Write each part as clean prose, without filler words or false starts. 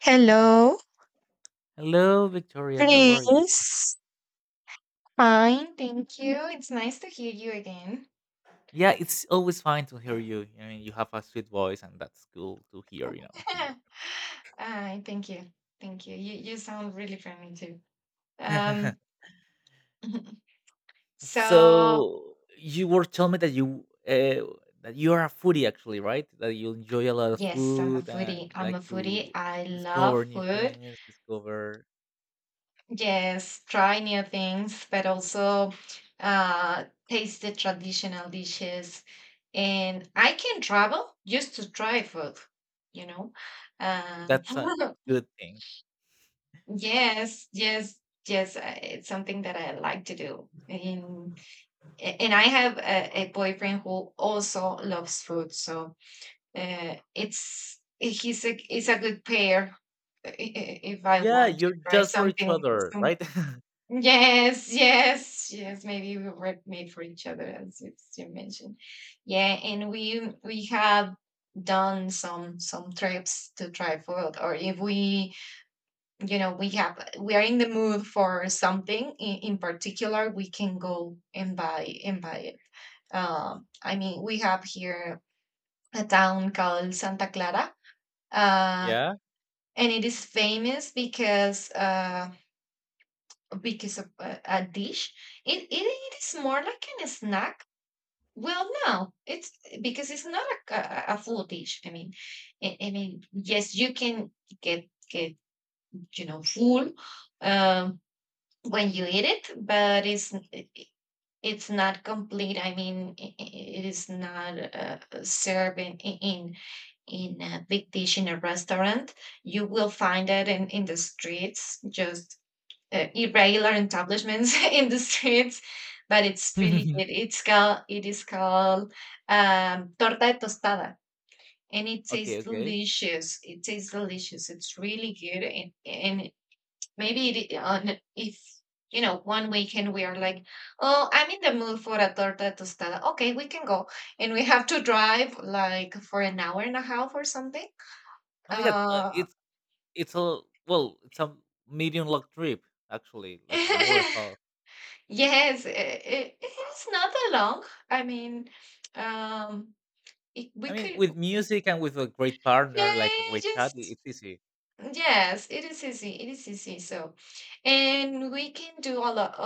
Hello, Hello, Victoria. How are you? please. Fine, thank you. It's nice to hear you again. Yeah, it's always fine to hear you. I mean, you have a sweet voice, and that's cool to hear. You know, here. Hi, thank you. Thank you. You sound really friendly too. Um so So you were telling me that you are a foodie, actually, right? That you enjoy a lot of yes, I'm a food and foodie. I'm like a foodie. to I love discover new food. things. Discover Yes, try new things, but also taste the traditional dishes. And I can travel just to try food, you know. Uh, that's a good thing. Yes, yes, yes. It's something that I like to do. And I have a boyfriend who also loves food, so it's a good pair. If I Yeah, want to you're try just for each something, other, some, right? yes, yes, yes. Maybe we were made for each other, as you mentioned. Yeah, and we have done some trips to try food, or if we we have we are in the mood for something in particular. We can go and buy it. I mean, we have here a town called Santa Clara. uh Yeah. and it is famous because of a dish. It is more like an snack. Well, no, it's because it's not like a full dish, I mean. I mean yes, you can get full um when you eat it, but it's not complete. I mean, it is not served in a big dish in a restaurant. You will find it in the streets, just irregular establishments in the streets. But it's really good. It is called torta de tostada, and it Okay. tastes Okay. delicious. It tastes delicious. It's really good. And maybe it, on if one weekend we are like, oh, I'm in the mood for a torta tostada. Okay, we can go, and we have to drive like for an hour and a half or something. Oh my god, uh it's a well, it's a medium long trip actually, like an hour and a half. yes, it's not that long, I mean. um it, we I mean, could with music and with a great partner, like a Yeah, great chat, just it's easy. yes, it is easy. It is easy. So, and we can do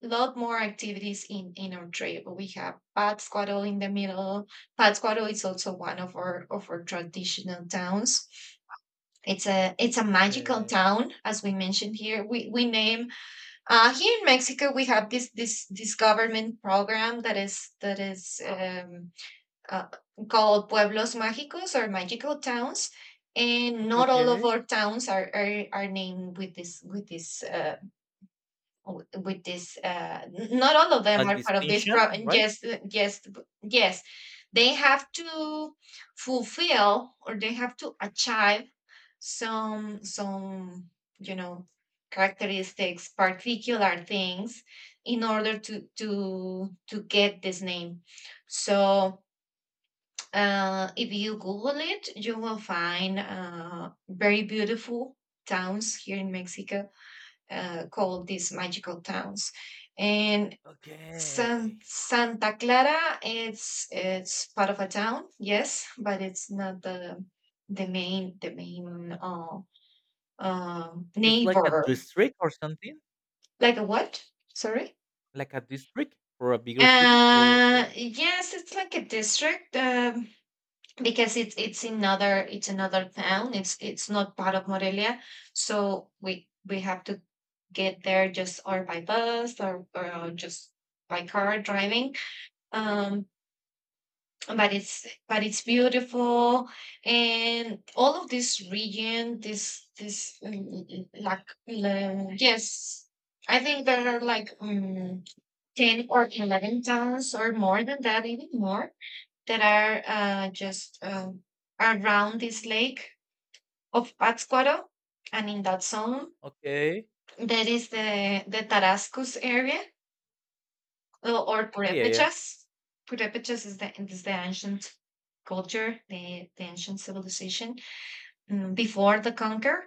a lot more activities in our trip. We have Pátzcuaro in the middle. Pátzcuaro is also one of our traditional towns. It's a magical Okay. town, as we mentioned here. We name. Here in Mexico we have this government program that is uh, called pueblos mágicos, or magical towns, and Okay. not all of Okay. our towns are named with this. Not all of them Like are part of this. distinction, right? Yes, yes, yes. They have to fulfill, or they have to achieve some you know characteristics, particular things, in order to get this name. So, if you Google it, you will find very beautiful towns here in Mexico, called these magical towns. And Okay. Santa Clara, it's part of a town, yes, but it's not the main It's like a neighbor. district or something, Like a what? Sorry. like a district for a bigger city, or what? Yes, it's like a district. Because it's another town. It's not part of Morelia, so we have to get there, just or by bus or just by car driving. Um, but it's beautiful, and all of this region, this like, yes, I think there are like, 10 or 11 towns, or more than that, even more, that are just, around this lake of Pátzcuaro, and in that zone Okay, there is the Tarascus area, or, or yeah, yeah, yeah. Purépechas. Purépechas is the ancient culture, the ancient civilization, before the conquer,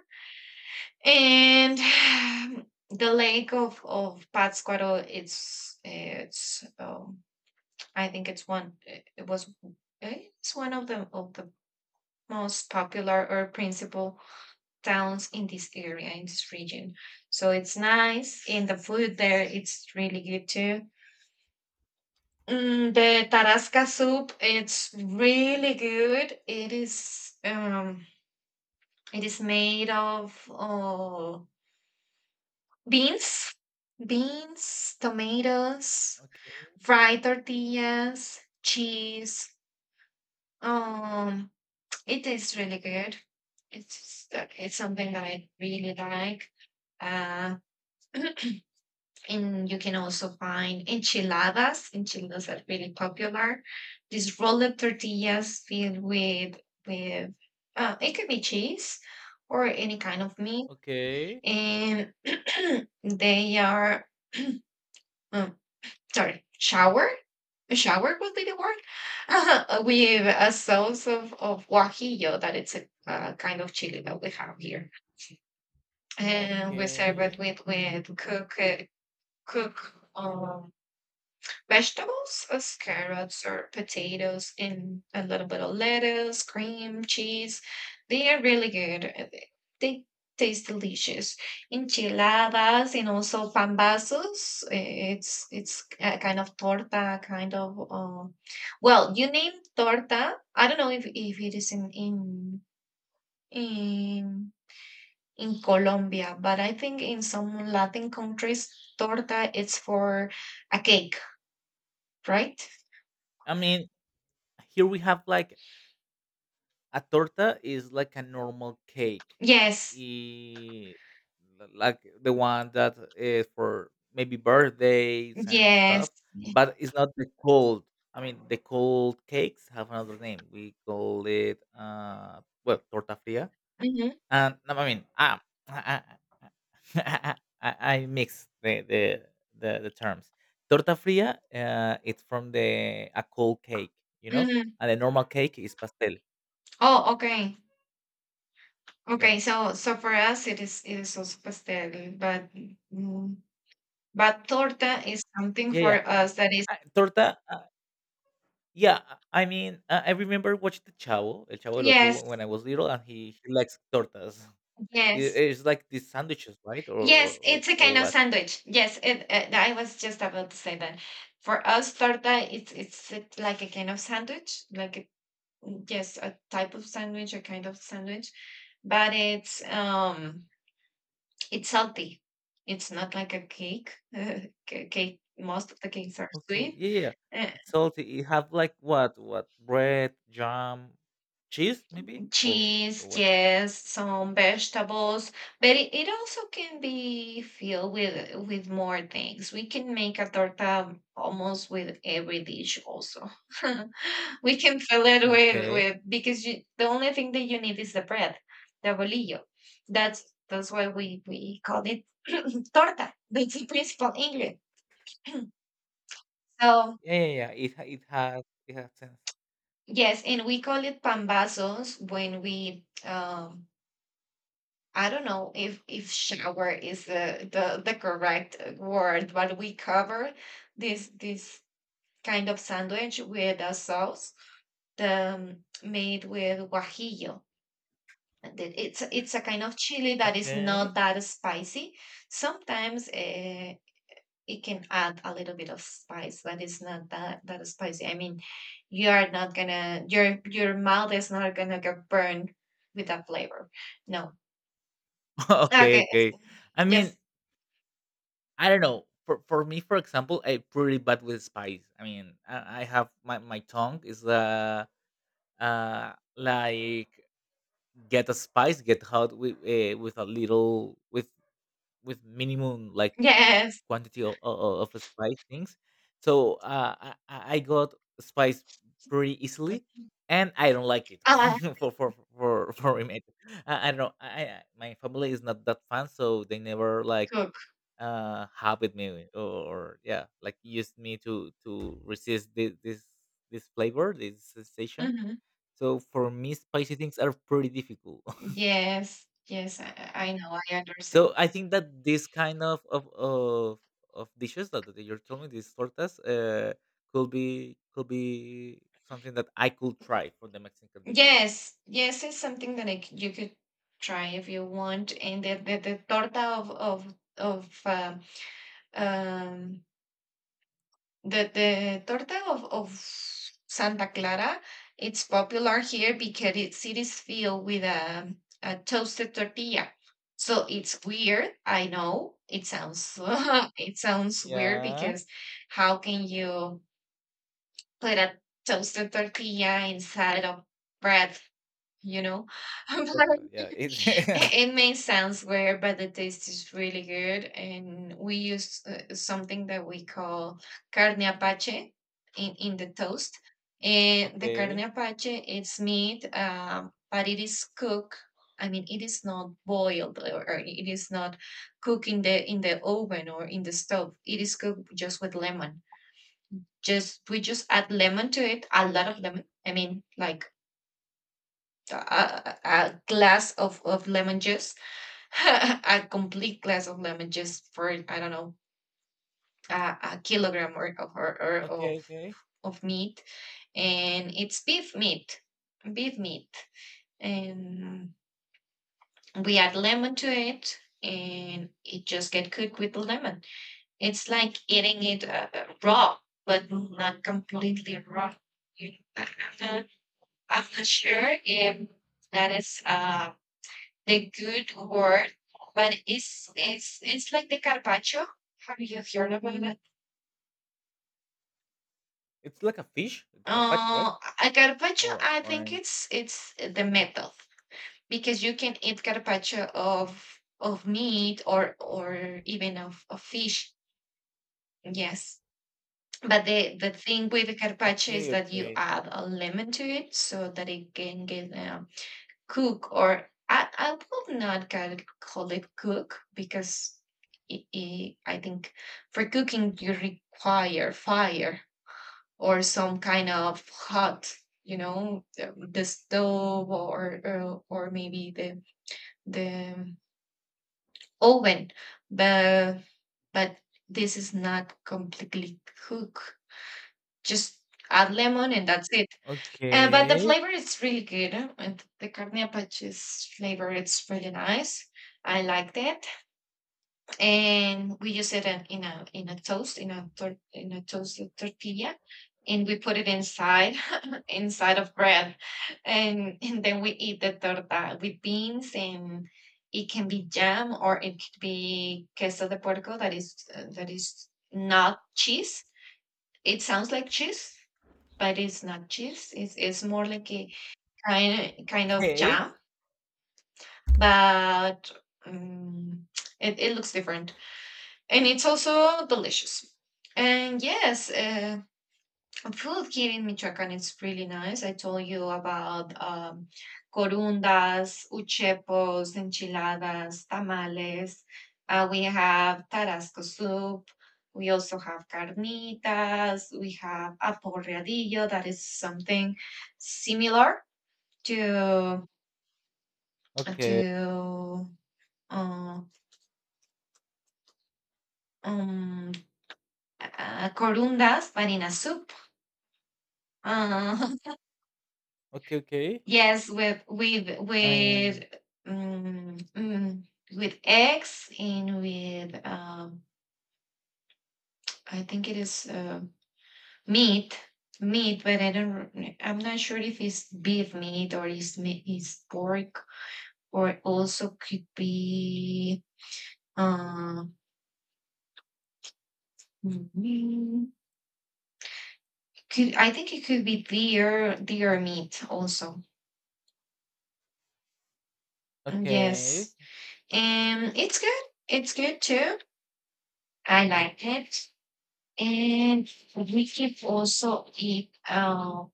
and the lake of Pátzcuaro. It's I think it's one. It was it's one of the most popular or principal towns in this area, in this region. So it's nice, and the food there, it's really good too. Mm, the tarasca soup, it's really good. It is it is made of beans, tomatoes, Okay. fried tortillas, cheese. um it is really good. It's something that I really like. uh And you can also find enchiladas. Enchiladas are really popular. These rolled tortillas filled with it could be cheese or any kind of meat, Okay. and they are, um, sorry, shower. Shower would be the word. With a sauce of guajillo. That it's a, kind of chili that we have here, and we serve it Okay. with cook vegetables, as carrots or potatoes, and a little bit of lettuce, cream, cheese. They are really good. They taste delicious. Enchiladas, and also pambazos. It's a kind of torta, kind of, well, you name torta. I don't know if it is in in Colombia, but I think in some Latin countries, torta, it's for a cake, right? I mean, here we have like a torta is like a normal cake Yes, i- like the one that is for maybe birthdays and stuff, yes. but it's not the cold. I mean, the cold cakes have another name. We call it well, torta fria. Hmm, And no, I mean, ah, I, I, I mix the terms. Torta fria it's from the a cold cake, you know. hmm. And the normal cake is pastel. Oh, okay. yeah Okay. So, for us, it is also pastel, but, mm, but torta is something yeah for yeah, us that is — I Torta, yeah, I mean, I remember watching The Chavo, El Chavo del Ocho, yes, when I was little, and he likes tortas. It, yes, it's like these sandwiches, right? Or or, yes. or, It's a or kind of what? sandwich. Yes, it. I was just about to say that. For us, torta, like a kind of sandwich, yes, a type of sandwich, a kind of sandwich, but it's. It's salty. It's not like a cake. Cake. Most of the cakes are Okay, sweet. yeah, yeah. Uh, It's salty. It have like what? What? Bread, jam, cheese, maybe? Or Cheese, what? yes, some vegetables, but it also can be filled with more things. We can make a torta almost with every dish. Also, we can fill it Okay, with okay. with because the only thing that you need is the bread, the bolillo. That's that's why we call it torta. That's the principal ingredient. So. Yeah, yeah, yeah. It has sense. Yes, and we call it pambazos when we, I don't know if shower is the correct word, but we cover this kind of sandwich with a sauce, made with guajillo. And it's a kind of chili that is Okay. not that spicy. Sometimes it can add a little bit of spice, but it's not that spicy. I mean, you are not gonna — your mouth is not gonna get burned with that flavor. No. Okay, Okay. okay. I mean, Yes. I don't know. For me, for example, I'm pretty bad with spice. I mean, I have my tongue is like get a spice, get hot with a little with minimum like Yes. quantity of spice things. So I got spice pretty easily, and I don't like it Ah, for me. I don't know. I my family is not that fan, so they never like cook. Have with me eh, or yeah, like used me to resist this flavor, this sensation. Hmm. So for me, spicy things are pretty difficult. Yes. Yes. I know. I understand. So I think that this kind of dishes that you're telling me, these tortas could be something that I could try for the Mexican dishes. Yes, yes, it's something that I c you could try if you want, and the torta of um the torta of Santa Clara, it's popular here because it is filled with a toasted tortilla. So it's weird. I know it sounds it sounds weird, Yeah, because how can you put a toasted tortilla inside of bread? You know, a but torta, yeah, it's it may sound weird, but the taste is really good. And we use something that we call carne apache in the toast. And the carne okay, apache, it's meat, but it is cooked. I mean, it is not boiled, or it is not cooked in the oven or in the stove. It is cooked just with lemon. Just We just add lemon to it, a lot of lemon. I mean, like a glass of lemon juice. A complete glass of lemon just for, I don't know, a kilogram or okay, of okay. of meat, and it's beef meat, and we add lemon to it, and it just get cooked with the lemon. It's like eating it, raw, but not completely raw. You- I- I'm not I'm not sure if that is. The good word, but it's like the carpaccio. Have you heard about that? It's like a fish, the carpaccio, right? Uh, a carpaccio, Or I think it's the method, because you can eat carpaccio of meat, or even of fish. Yes. But the thing with the carpaccio is okay, that you okay. add a lemon to it so that it can get a cook, or I will not call call it cook, because I think for cooking you require fire, or some kind of hot, the stove, or maybe the oven. But but this is not completely cook. Just add lemon, and that's it. But the Okay, flavor is really good. And The carne apache's flavor is really nice. I liked it, and we use it in a toast in a tor- in a toasted tortilla, and we put it inside, inside of bread, and then we eat the torta with beans, and it can be jam, or it could be queso de porco, that is, not cheese. It sounds like cheese, but it's not cheese. It's more like a kind of okay, jam, but um, it looks different, and it's also delicious. And yes, food here in Michoacán is really nice. I told you about corundas, uchepos, enchiladas, tamales. We have tarasco soup. We also have carnitas. We have aporreadillo. That is something similar to okay, to Uh, um, corundas, banana soup. Uh, okay, okay. yes, with with I mean, with um, mm, with eggs and with I think it is meat, but I don't. I'm not sure if it's beef meat or is is pork or it also could be. Uh, mm, could I think it could be deer meat also. okay, Yes. And it's good. It's good too. I like it. And we keep also eat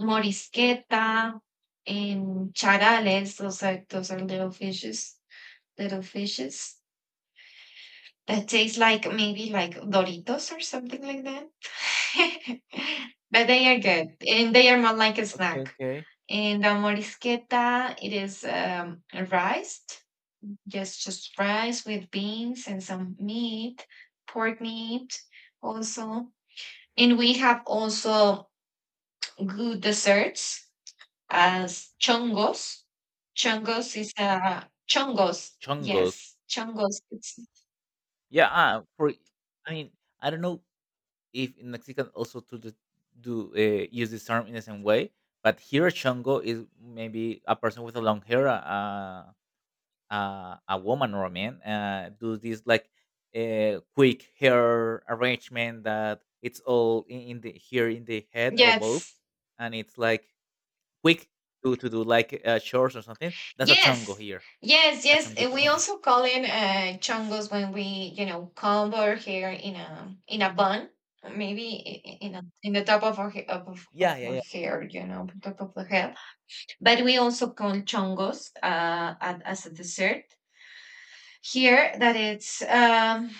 morisqueta and charales. Those are little fishes, little fishes that taste like maybe like Doritos or something like that. but they are good, and they are more like a okay, snack. okay. And the morisqueta, it is rice. Yes, just rice with beans and some meat, pork meat also. And we have also good desserts as chongos. Chongos is a chongos. Chongos. Yes, chongos. Yeah, for I mean, I don't know if in Mexican also to the, do use this term in the same way, but here a chongo is maybe a person with a long hair, a woman or a man, do this like quick hair arrangement that it's all in the here in the head above, Yes, and it's like quick to do, like, chores or something. That's a chongo yes, here, yes, a yes. And chonguito. we also call it chongos when we, cover over here in a bun, maybe in in the top of our he- of of Yeah, of yeah, our yeah. hair, you know, on top of the head. But we also call chongos at, as a dessert here that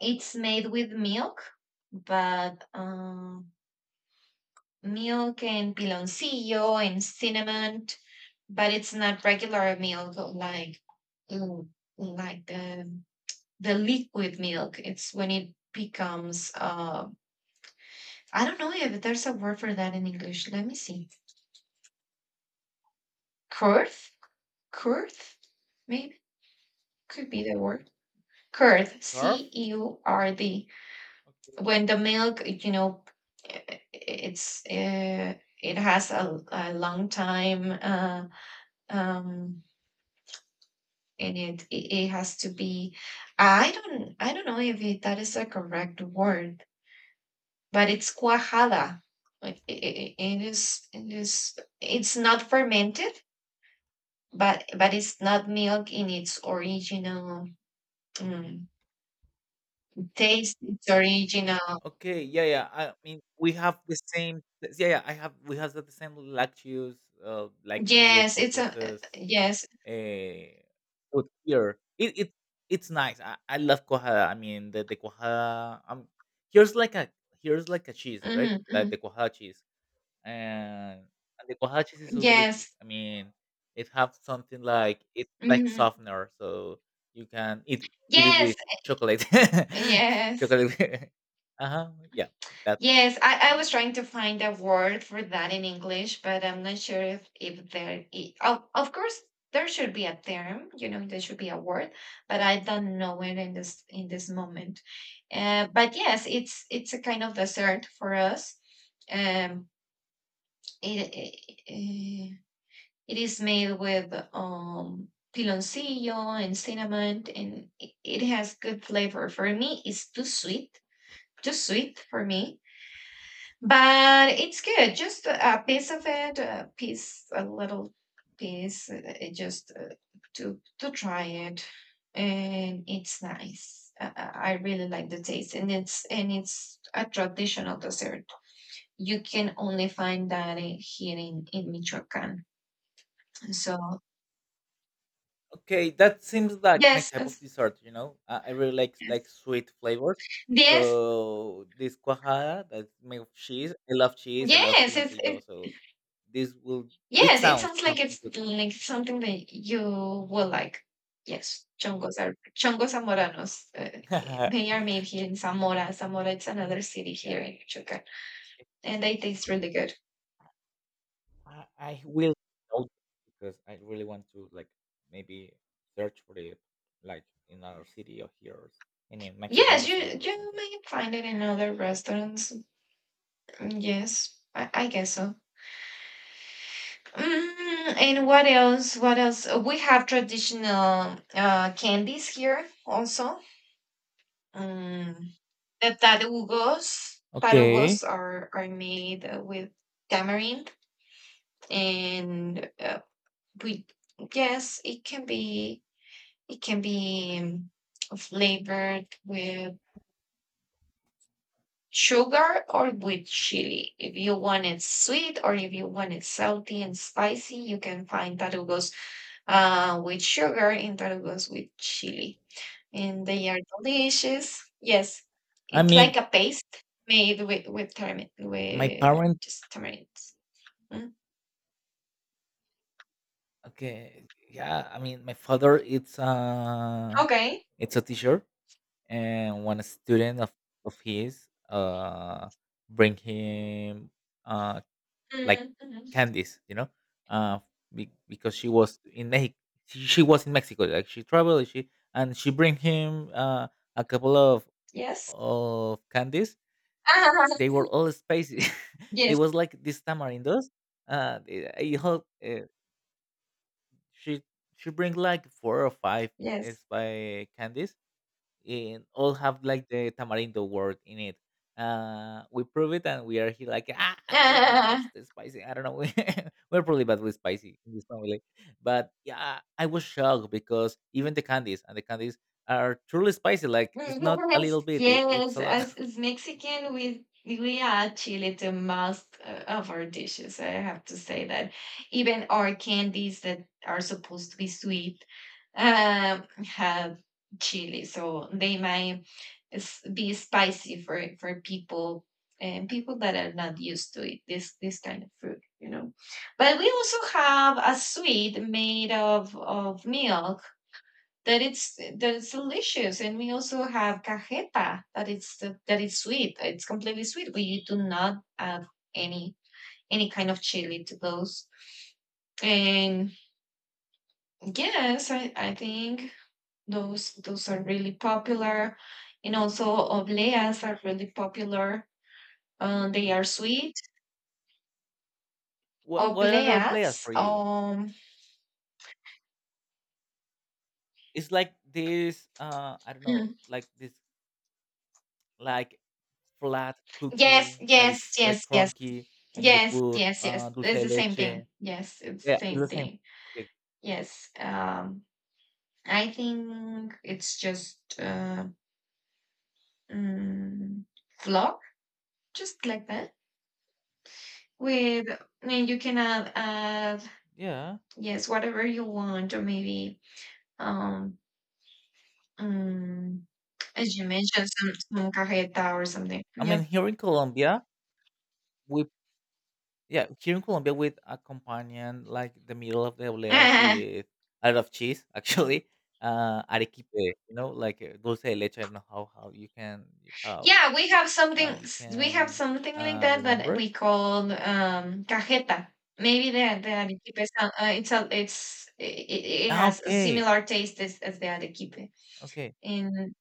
it's made with milk but milk and piloncillo and cinnamon, but it's not regular milk like mm, like the liquid milk. It's when it becomes I don't know if there's a word for that in English. Let me see. Curd. Curd maybe could be the word. Curd, Carve. CEURD. When the milk, you know, it's it has a long time um, in it. It has to be. I don't know if that is a correct word, but it's cuajada. Like, It is. It's not fermented, but it's not milk in its original mm, taste. Its original. Okay, yeah, yeah, I mean, we have the same, yeah, I have we have the same lactose, like, meal Yes, it's a. processes, Yes. eh, food here. It's nice. I love cuajada. I mean, the cuajada, here's like a here's like a cheese, right? Like the Hmm. cuajada cheese. and and the guajaches is so delicious. Yes. I mean, it have something like it's like Hmm. softener, so you can eat it Yes. with chocolate, Yes. chocolate. Uh huh. Yeah, that Yes. I was trying to find a word for that in English, but I'm not sure if, there, of, course, there should be a term, there should be a word, but I don't know it in this moment. But yes, it's a kind of dessert for us. Um, it, It is made with piloncillo and cinnamon, and it has good flavor. For me, it's too sweet for me, but it's good. Just a piece of it, a piece, a little piece, just to try it, and it's nice. I really like the taste, and it's a traditional dessert. You can only find that in- here in Michoacán. So okay. That seems like my yes. type of dessert. You know, I really like sweet flavors. Yes, So this cuajada that's made of cheese. I love cheese. I love yes, piloncillo. So this will this yes, it sounds sounds like nothing it's good. like something that you will like. Yes, chongos are chongos zamoranos. Eh, they are made here in Zamora. Zamora, it's another city Yeah. here Okay. in Michoacán, and they taste really good. I will note because I really want to like maybe search for it like in another city or here or in a Mexican Yes, you restaurant or you something. may find it in other restaurants. Mm, yes, I guess so. Mm, and what else? What else? We have traditional candies here also. Mm. The Okay. tarugos are made with tamarind, and we yes, it can be, it can be um, flavored with sugar or with chili. If you want it sweet or if you want it salty and spicy, you can find tarugos with sugar and tarugos with chili, and they are delicious. Yes, I it's like mean a paste made with tamarind, my with parent just tamarinds. Mm. okay, yeah, I mean my father Okay. it's a teacher, and one student of his bring him uh, like Mm, mhm. candies, you know, uh, because she was in Mexico. She was in Mexico. Like she traveled, she and she bring him a couple Yes. of candies. Ah, They were all spicy. It yes. was like these tamarindos. It, it, hel- she she bring like four or five Yes. spy candies, and all have like the tamarindo word in it. We prove it, and we are here like, ah, it's not, it's Ah, too spicy. I don't know. We're probably bad with spicy in this family, but yeah, I was shocked because even the candies and the candies are truly spicy. Like it's not a yes. little bit; it, it's Yes. a lot. As Mexican, we add chili to most of our dishes. I have to say that even our candies that are supposed to be sweet have chili, so they might be spicy for people and people that are not used to it, this kind of fruit, you know. But we also have a sweet made of milk that it's delicious, and we also have cajeta that it's sweet. It's completely sweet. We do not add any any kind of chili to those. And yes, I think those are really popular, and also obleas are really popular. They are sweet. What other players Obleas. for you? It's like this. I don't know, mm, like this, like flat yes, cookie that yes, is like yes, yes, crunchy, and you yes, put yes, yes. dulce It's de the same leche. thing. Yes, it's Yeah, the it's same the same. thing. Okay. Yes. I think it's just mm, flock, just like that. With, I mean, you can add, Yeah. Cool. yes, whatever you want, or maybe um, mm, as you mentioned, some cajeta or something. I mean, Yeah. here in Colombia, we yeah here in Colombia we accompany like the middle of the obleas with a lot of cheese, actually. Arequipe, you know, like dulce de leche. I don't know how Yeah, we have something how you s- we have can something like that that remember it. we call cajeta. Maybe the arequipe is it's a, it's it, it Ah, has a okay, similar taste as the arequipe. okay. In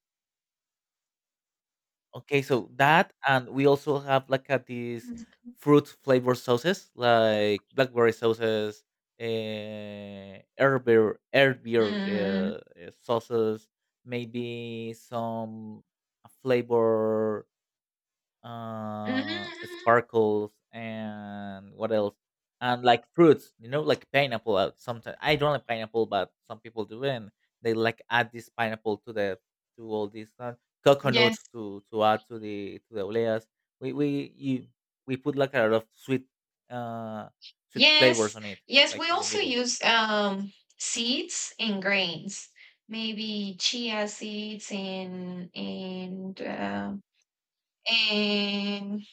Okay, so that and we also have like these fruit flavored sauces like blackberry sauces, herb beer mm, sauces, maybe some flavor mhm, sparkles, and what else, and like fruits, you know, like pineapple, sometimes I don't like pineapple, but some people do, and they like add this pineapple to the to all this yes, coconut to add to the oleas we we you, we put like a lot of sweet uh sweet flavors yes, on it yes. like We in the also middle. use seeds and grains. Maybe chia seeds and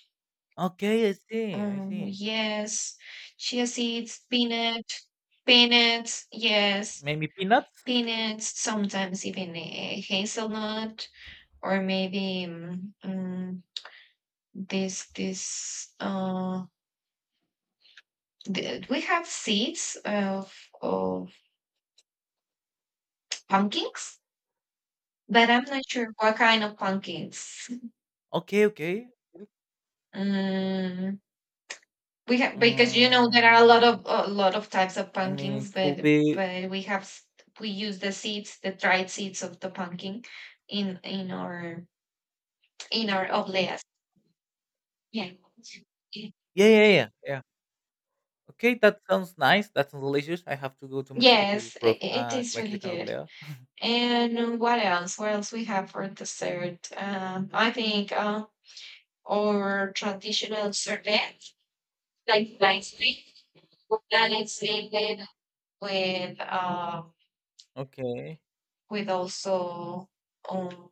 Okay, I see, I Oh, see, yes. Chia seeds, peanut, peanuts, yes. maybe peanuts, Peanuts, sometimes even a hazelnut, or maybe this, this, uh, we have seeds of pumpkins, but I'm not sure what kind of pumpkins. okay, okay, Mm, we have, because you know there are a lot um, of types of I mean pumpkins, could but be, we have we use the seeds, the dried seeds of the pumpkin, in our obleas. Yeah. Y- yeah, yeah, yeah, yeah. Okay, that sounds nice. That sounds delicious. I have to go to Mexico to Yes, prove it tastes really Mexican good. oblea. And what else? What else we have for dessert? I think our traditional sorbet, like ice cream, that is made with uh, Okay. with also um,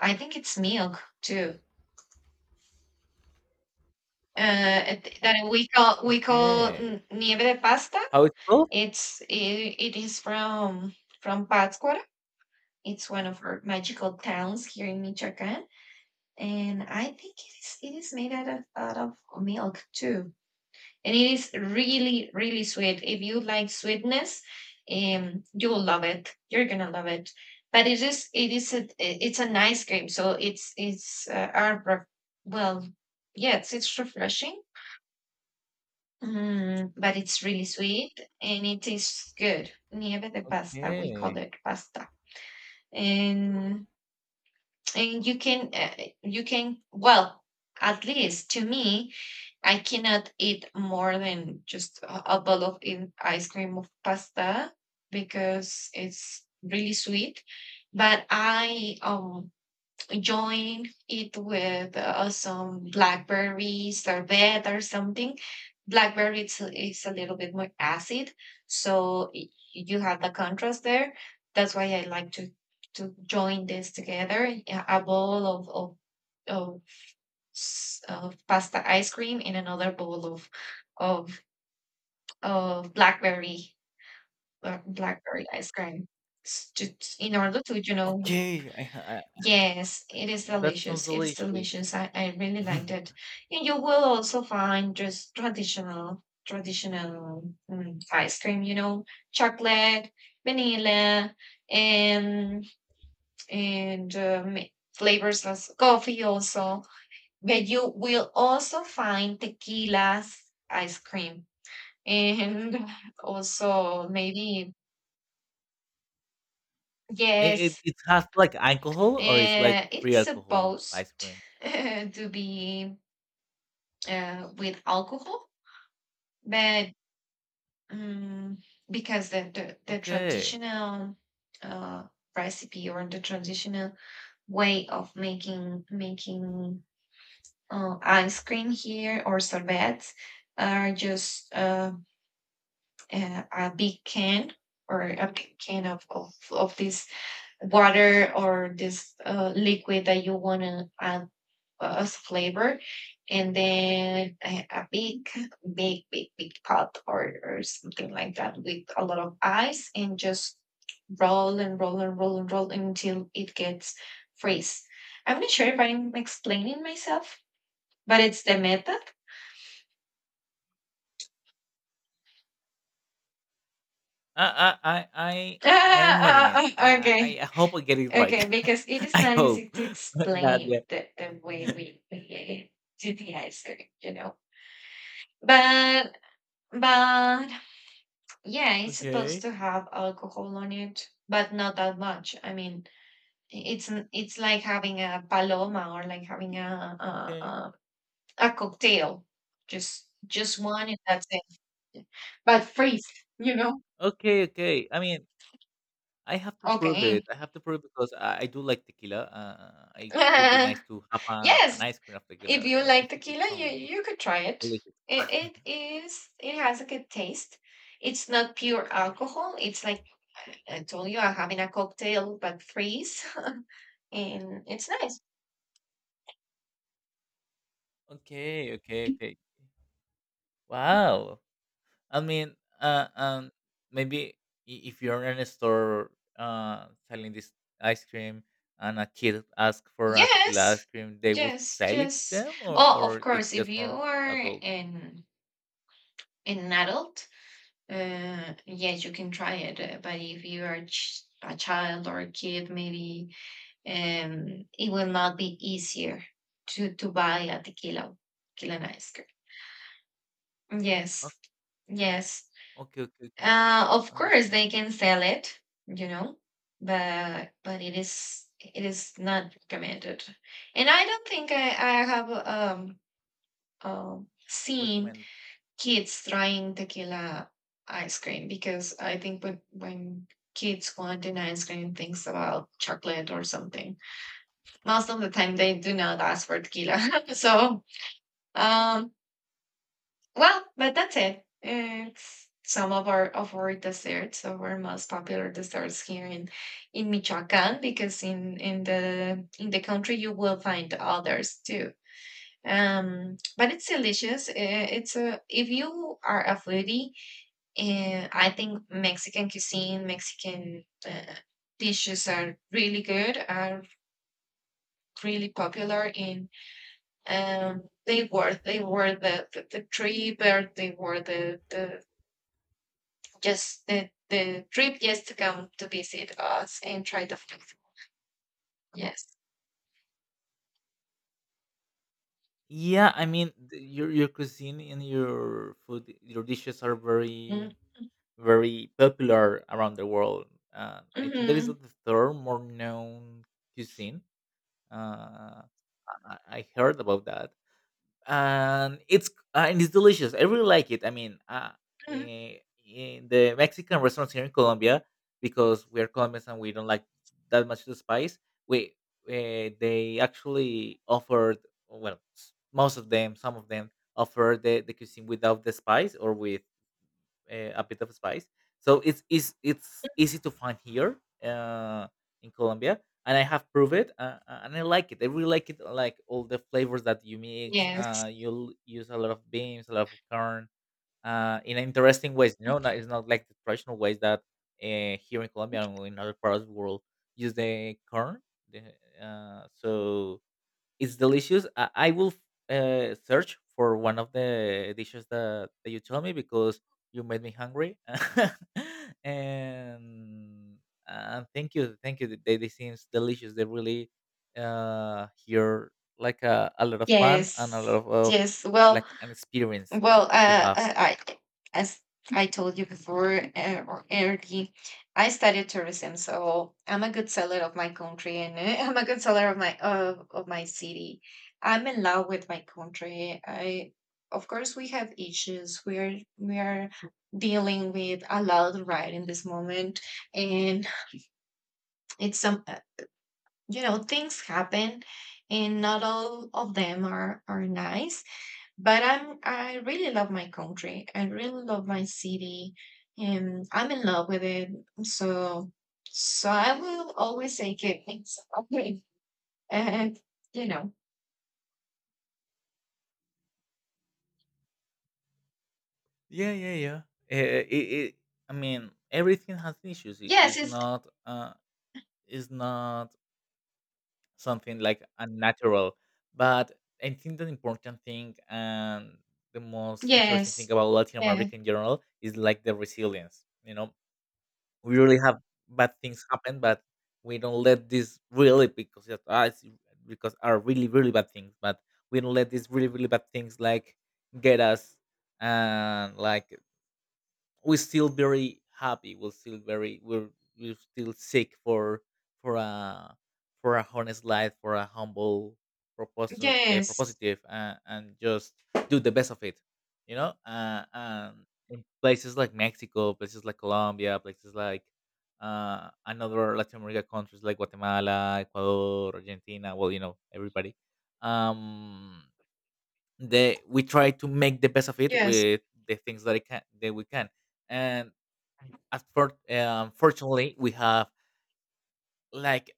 I think it's milk too. That we call Okay. Nieve de pasta. How it's called? It's it, it is from Pátzcuaro. It's one of our magical towns here in Michoacán, and I think it is made out of milk too, and it is really really sweet. If you like sweetness, you'll love it, you're gonna love it. But it is a it's an ice cream, so it's our well, yes, it's refreshing, but it's really sweet and it tastes good. Nieve de pasta, we call Okay. it pasta. And you can well, at least to me, I cannot eat more than just a bowl of in ice cream of pasta because it's really sweet. But I join it with some blackberry sorbet or something. Blackberry, it's a little bit more acid, so you have the contrast there. That's why I like to join this together. Yeah, a bowl of of pasta ice cream in another bowl of of blackberry blackberry ice cream s- to, in order to, Okay. I, yes, it is that sounds delicious. It is delicious. delicious. I really liked it. And you will also find just traditional ice cream, you know, chocolate, vanilla, and and um, flavors as coffee also. But you will also find tequilas, ice cream, and also maybe, it, it, yes, it has like alcohol, or it's like free it's alcohol supposed ice cream. to be with alcohol, but um, because the Okay. traditional uh, recipe or the traditional way of making ice cream here or sorbets are just a big can or a big can of this water or this liquid that you want to add as flavor, and then a big big big big pot or something like that, with a lot of ice, and just roll and roll and roll and roll until it gets freeze. I'm not sure if I'm explaining myself, but it's the method. I I I I, I ah, imagine it. ah, okay. I hope I get it right. Okay, because it is I not hope. easy to But yeah. explain the way we do the ice cream, you know. But but yeah, it's supposed Okay. to have alcohol on it, but not that much. I mean, it's it's like having a paloma or like having Okay. A cocktail, just one, and that's it. But freeze, you know. Okay. Okay. I mean, I have to prove Okay. it. I have to prove it because I do like tequila. I, it could be nice to have an yes, ice cream of if tequila. You you know, like it tequila, sounds you could try it. delicious. It, it is, it has a good taste. It's not pure alcohol. It's like I told you, I'm having a cocktail but freeze, and it's nice. Okay, okay, okay. Wow. I mean, maybe if you're in a store selling this ice cream, and a kid asks for a tequila ice Yes, cream, they will yes, sell it to yes. them, Oh, of or it's course, if just you for are adults. An adult, yes, you can try it. But if you are a child or a kid, maybe it will not be easier to buy a tequila and ice cream. Oh, Yes, yes. okay, okay, okay. Of course Understand. they can sell it, you know, but it is not recommended. And I don't think I have seen Recommend. kids trying tequila ice cream, because I think when kids want an ice cream, thinks about chocolate or something. Most of the time they do not ask for tequila. So, um, well, but that's it. It's some of our desserts, of our most popular desserts here in Michoacan, because in the country you will find others too. But it's delicious. It's a If you are a foodie, I think Mexican cuisine, Mexican dishes are really good. Are really popular in. They were the, the trip, or they were the, the. Just the trip just to come to visit us and try the food. Yes. Yeah, I mean your cuisine and your food, your dishes are very Mm-hmm. very popular around the world. I think that is Mm-hmm. the third more known cuisine. Uh, I heard about that, and it's delicious. I really like it. I mean, in the Mexican restaurants here in Colombia, because we are Colombians and we don't like that much the spice, we they actually offered, well, most of them, some of them offer the cuisine without the spice or with a bit of spice. So it's easy to find here uh, in Colombia, and I have proved it, and I like it. I really like it, like all the flavors that you mix. Yes. You'll use a lot of beans, a lot of corn, in interesting ways. You know, not, it's not like the traditional ways that here in Colombia and in other parts of the world use the corn. The, so it's delicious. I will search for one of the dishes that you told me because you made me hungry. And thank you, thank you. They seems delicious. They really here like a lot of fun and a lot Yes. Of Yes. Well, like an experience well, to have. I- as I told you before or early, I studied tourism, so I'm a good seller of my country, and I'm a good seller of my city. I'm in love with my country. I, of course, we have issues. We are dealing with a lot right in this moment, and it's some you know things happen, and not all of them are nice, but I'm I really love my country. I really love my city, and I'm in love with it. So, so I will always say Quebec. Okay, and you know, Yeah, yeah, yeah. Uh, it, it, I mean, everything has issues. It- yes, It's it's not. It's not something like unnatural. But I think the important thing and the most interesting thing yes, about Latin yeah, America in general is like the resilience. You know, we really have bad things happen, but we don't let this really because because are really really bad things, but we don't let these really really bad things like get us, and like we're still very happy. We're still very, we're still sick for a for a honest life, for a humble propos- uh, yes, propositive, and just do the best of it. You know, and in places like Mexico, places like Colombia, places like another Latin America countries like Guatemala, Ecuador, Argentina. Well, you know everybody. Um, they we try to make the best of it yes, with the things that we can, and unfortunately we have, like,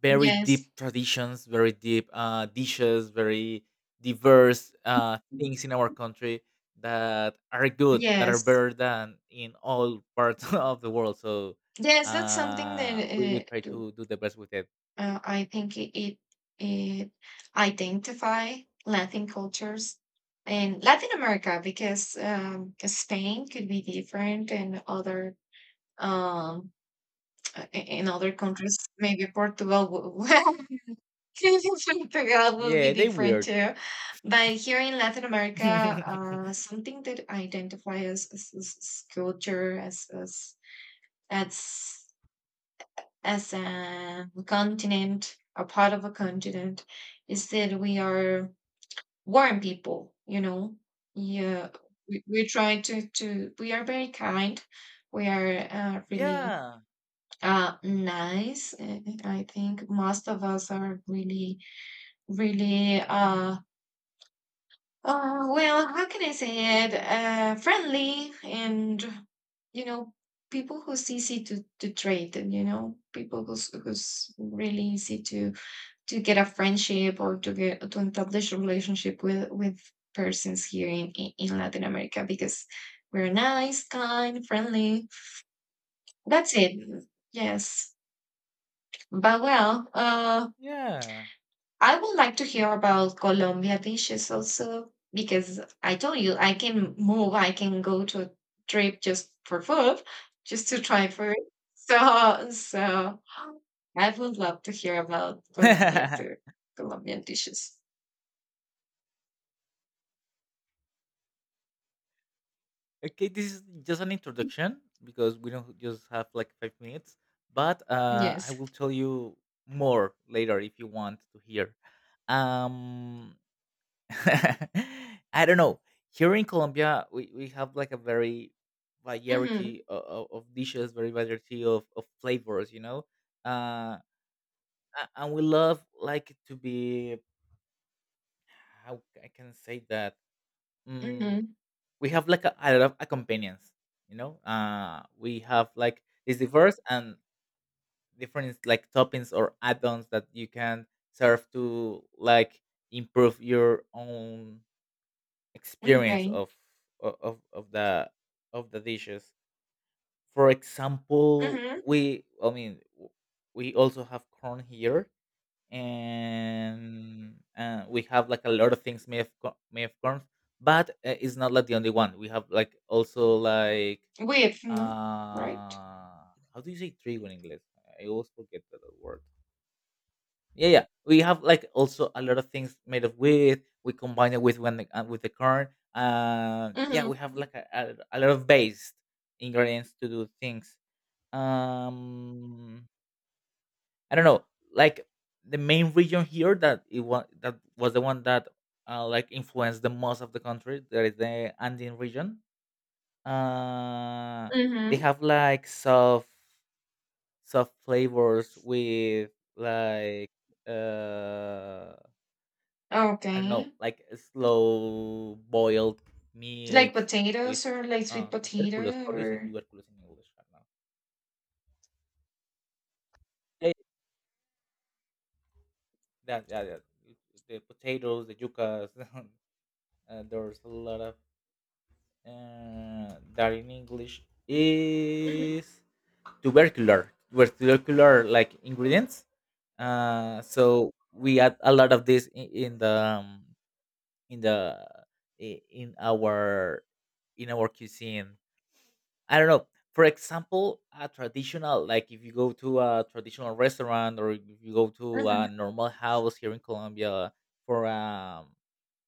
very yes. deep traditions, very deep dishes, very diverse things in our country that are good, that are Yes. better than in all parts of the world. So Yes, that's something we that try to do the best with it. I think it identify Latin cultures in Latin America because Spain could be different, and other um, in other countries. Maybe Portugal would, Portugal would be Yeah, they different weird. too. But here in Latin America, something that identifies as, as culture, as as a continent, a part of a continent, is that we are warm people, you know. Yeah, we try to, we are very kind. We are really Yeah, nice. I think most of us are really, really, well, how can I say it? Friendly, and you know, people who's easy to, trade, and you know, people who's really easy to get a friendship or to get to establish a relationship with persons here in Latin America, because we're nice, kind, friendly. That's it. Yes. But well, yeah. I would like to hear about Colombia dishes also, because I told you I can move, I can go to a trip just for food, just to try food. So, so I would love to hear about Colombia too, Colombian dishes. Okay, this is just an introduction because we don't just have like 5 minutes, but I Yes. will tell you more later if you want to hear. Um, I don't know. Here in Colombia, we have like a very variety Mhm, of dishes, very variety of flavors, you know? Uh, and we love like to be, how I can say that? Mm, mhm, we have like a lot of accompaniments. We have like, it's diverse and different, like toppings or add-ons that you can serve to, like, improve your own experience okay, of o- of of the dishes. For example, mhm, we I mean w- we also have corn here, and we have like a lot of things made of corn. But it's not like the only one. We have like, also like, with, mhm, right? how do you say trigo in English? I always forget the word. Yeah, yeah, we have like also a lot of things made of wheat. We combine it with with the corn. Yeah, Mhm, we have like a lot of base ingredients to do things. um I don't know, like, the main region here that was the one that like, influenced the most of the country, that is the Andean region. uh they mhm, have like soft flavors with, like, uh I don't know, okay, like, slow boiled like meats with potatoes or like sweet tuberculous. potato How do you say or tuberculous in English right now? Yeah, yeah, yeah, yeah. The potatoes, the yuccas. There's a lot of that in English mhm, is tubercular, tubercular, like, ingredients. So we add a lot of this in the um, in the I- in our cuisine. I don't know. For example, a traditional, like, if you go to a traditional restaurant or if you go to mhm, a normal house here in Colombia for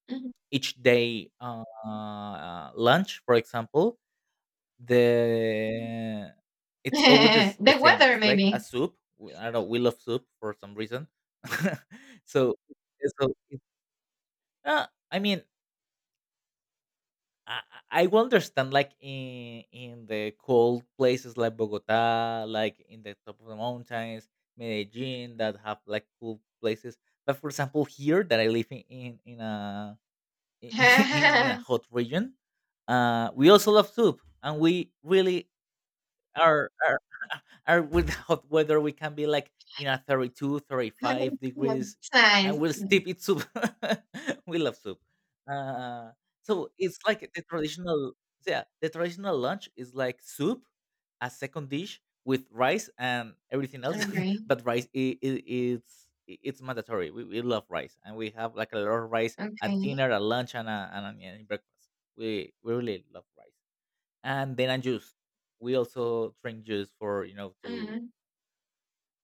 mhm. each day, lunch, for example, the it's always this, the The same. weather It's like a maybe. soup. I don't know. We love soup for some reason. so, so, I mean, I I will understand, like, in the cold places like Bogota, like in the top of the mountains, Medellin, that have like cool places. But for example, here that I live in a in a hot region, we also love soup. And we really, or or, or without weather, we can be like in a 32 to 35 degrees and we'll Nice. still eat soup. We love soup. uh, so it's like the traditional, yeah, the traditional lunch is like soup, a second dish with rice and everything else. Okay, But rice, it's mandatory. We love rice, and we have like a lot of rice at okay, dinner, at lunch, and breakfast. We really love rice. And then a juice. We also drink juice for you know to mhm,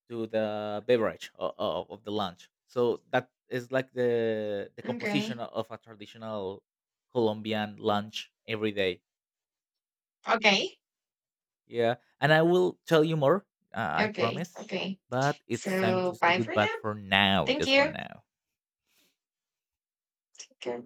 to the beverage of the lunch. So that is like the composition okay, of a traditional Colombian lunch every day. okay, Yeah, and I will tell you more. I okay, promise. okay. But it's time to So say bye for goodbye now. for now, Thank just for you. now. Take care.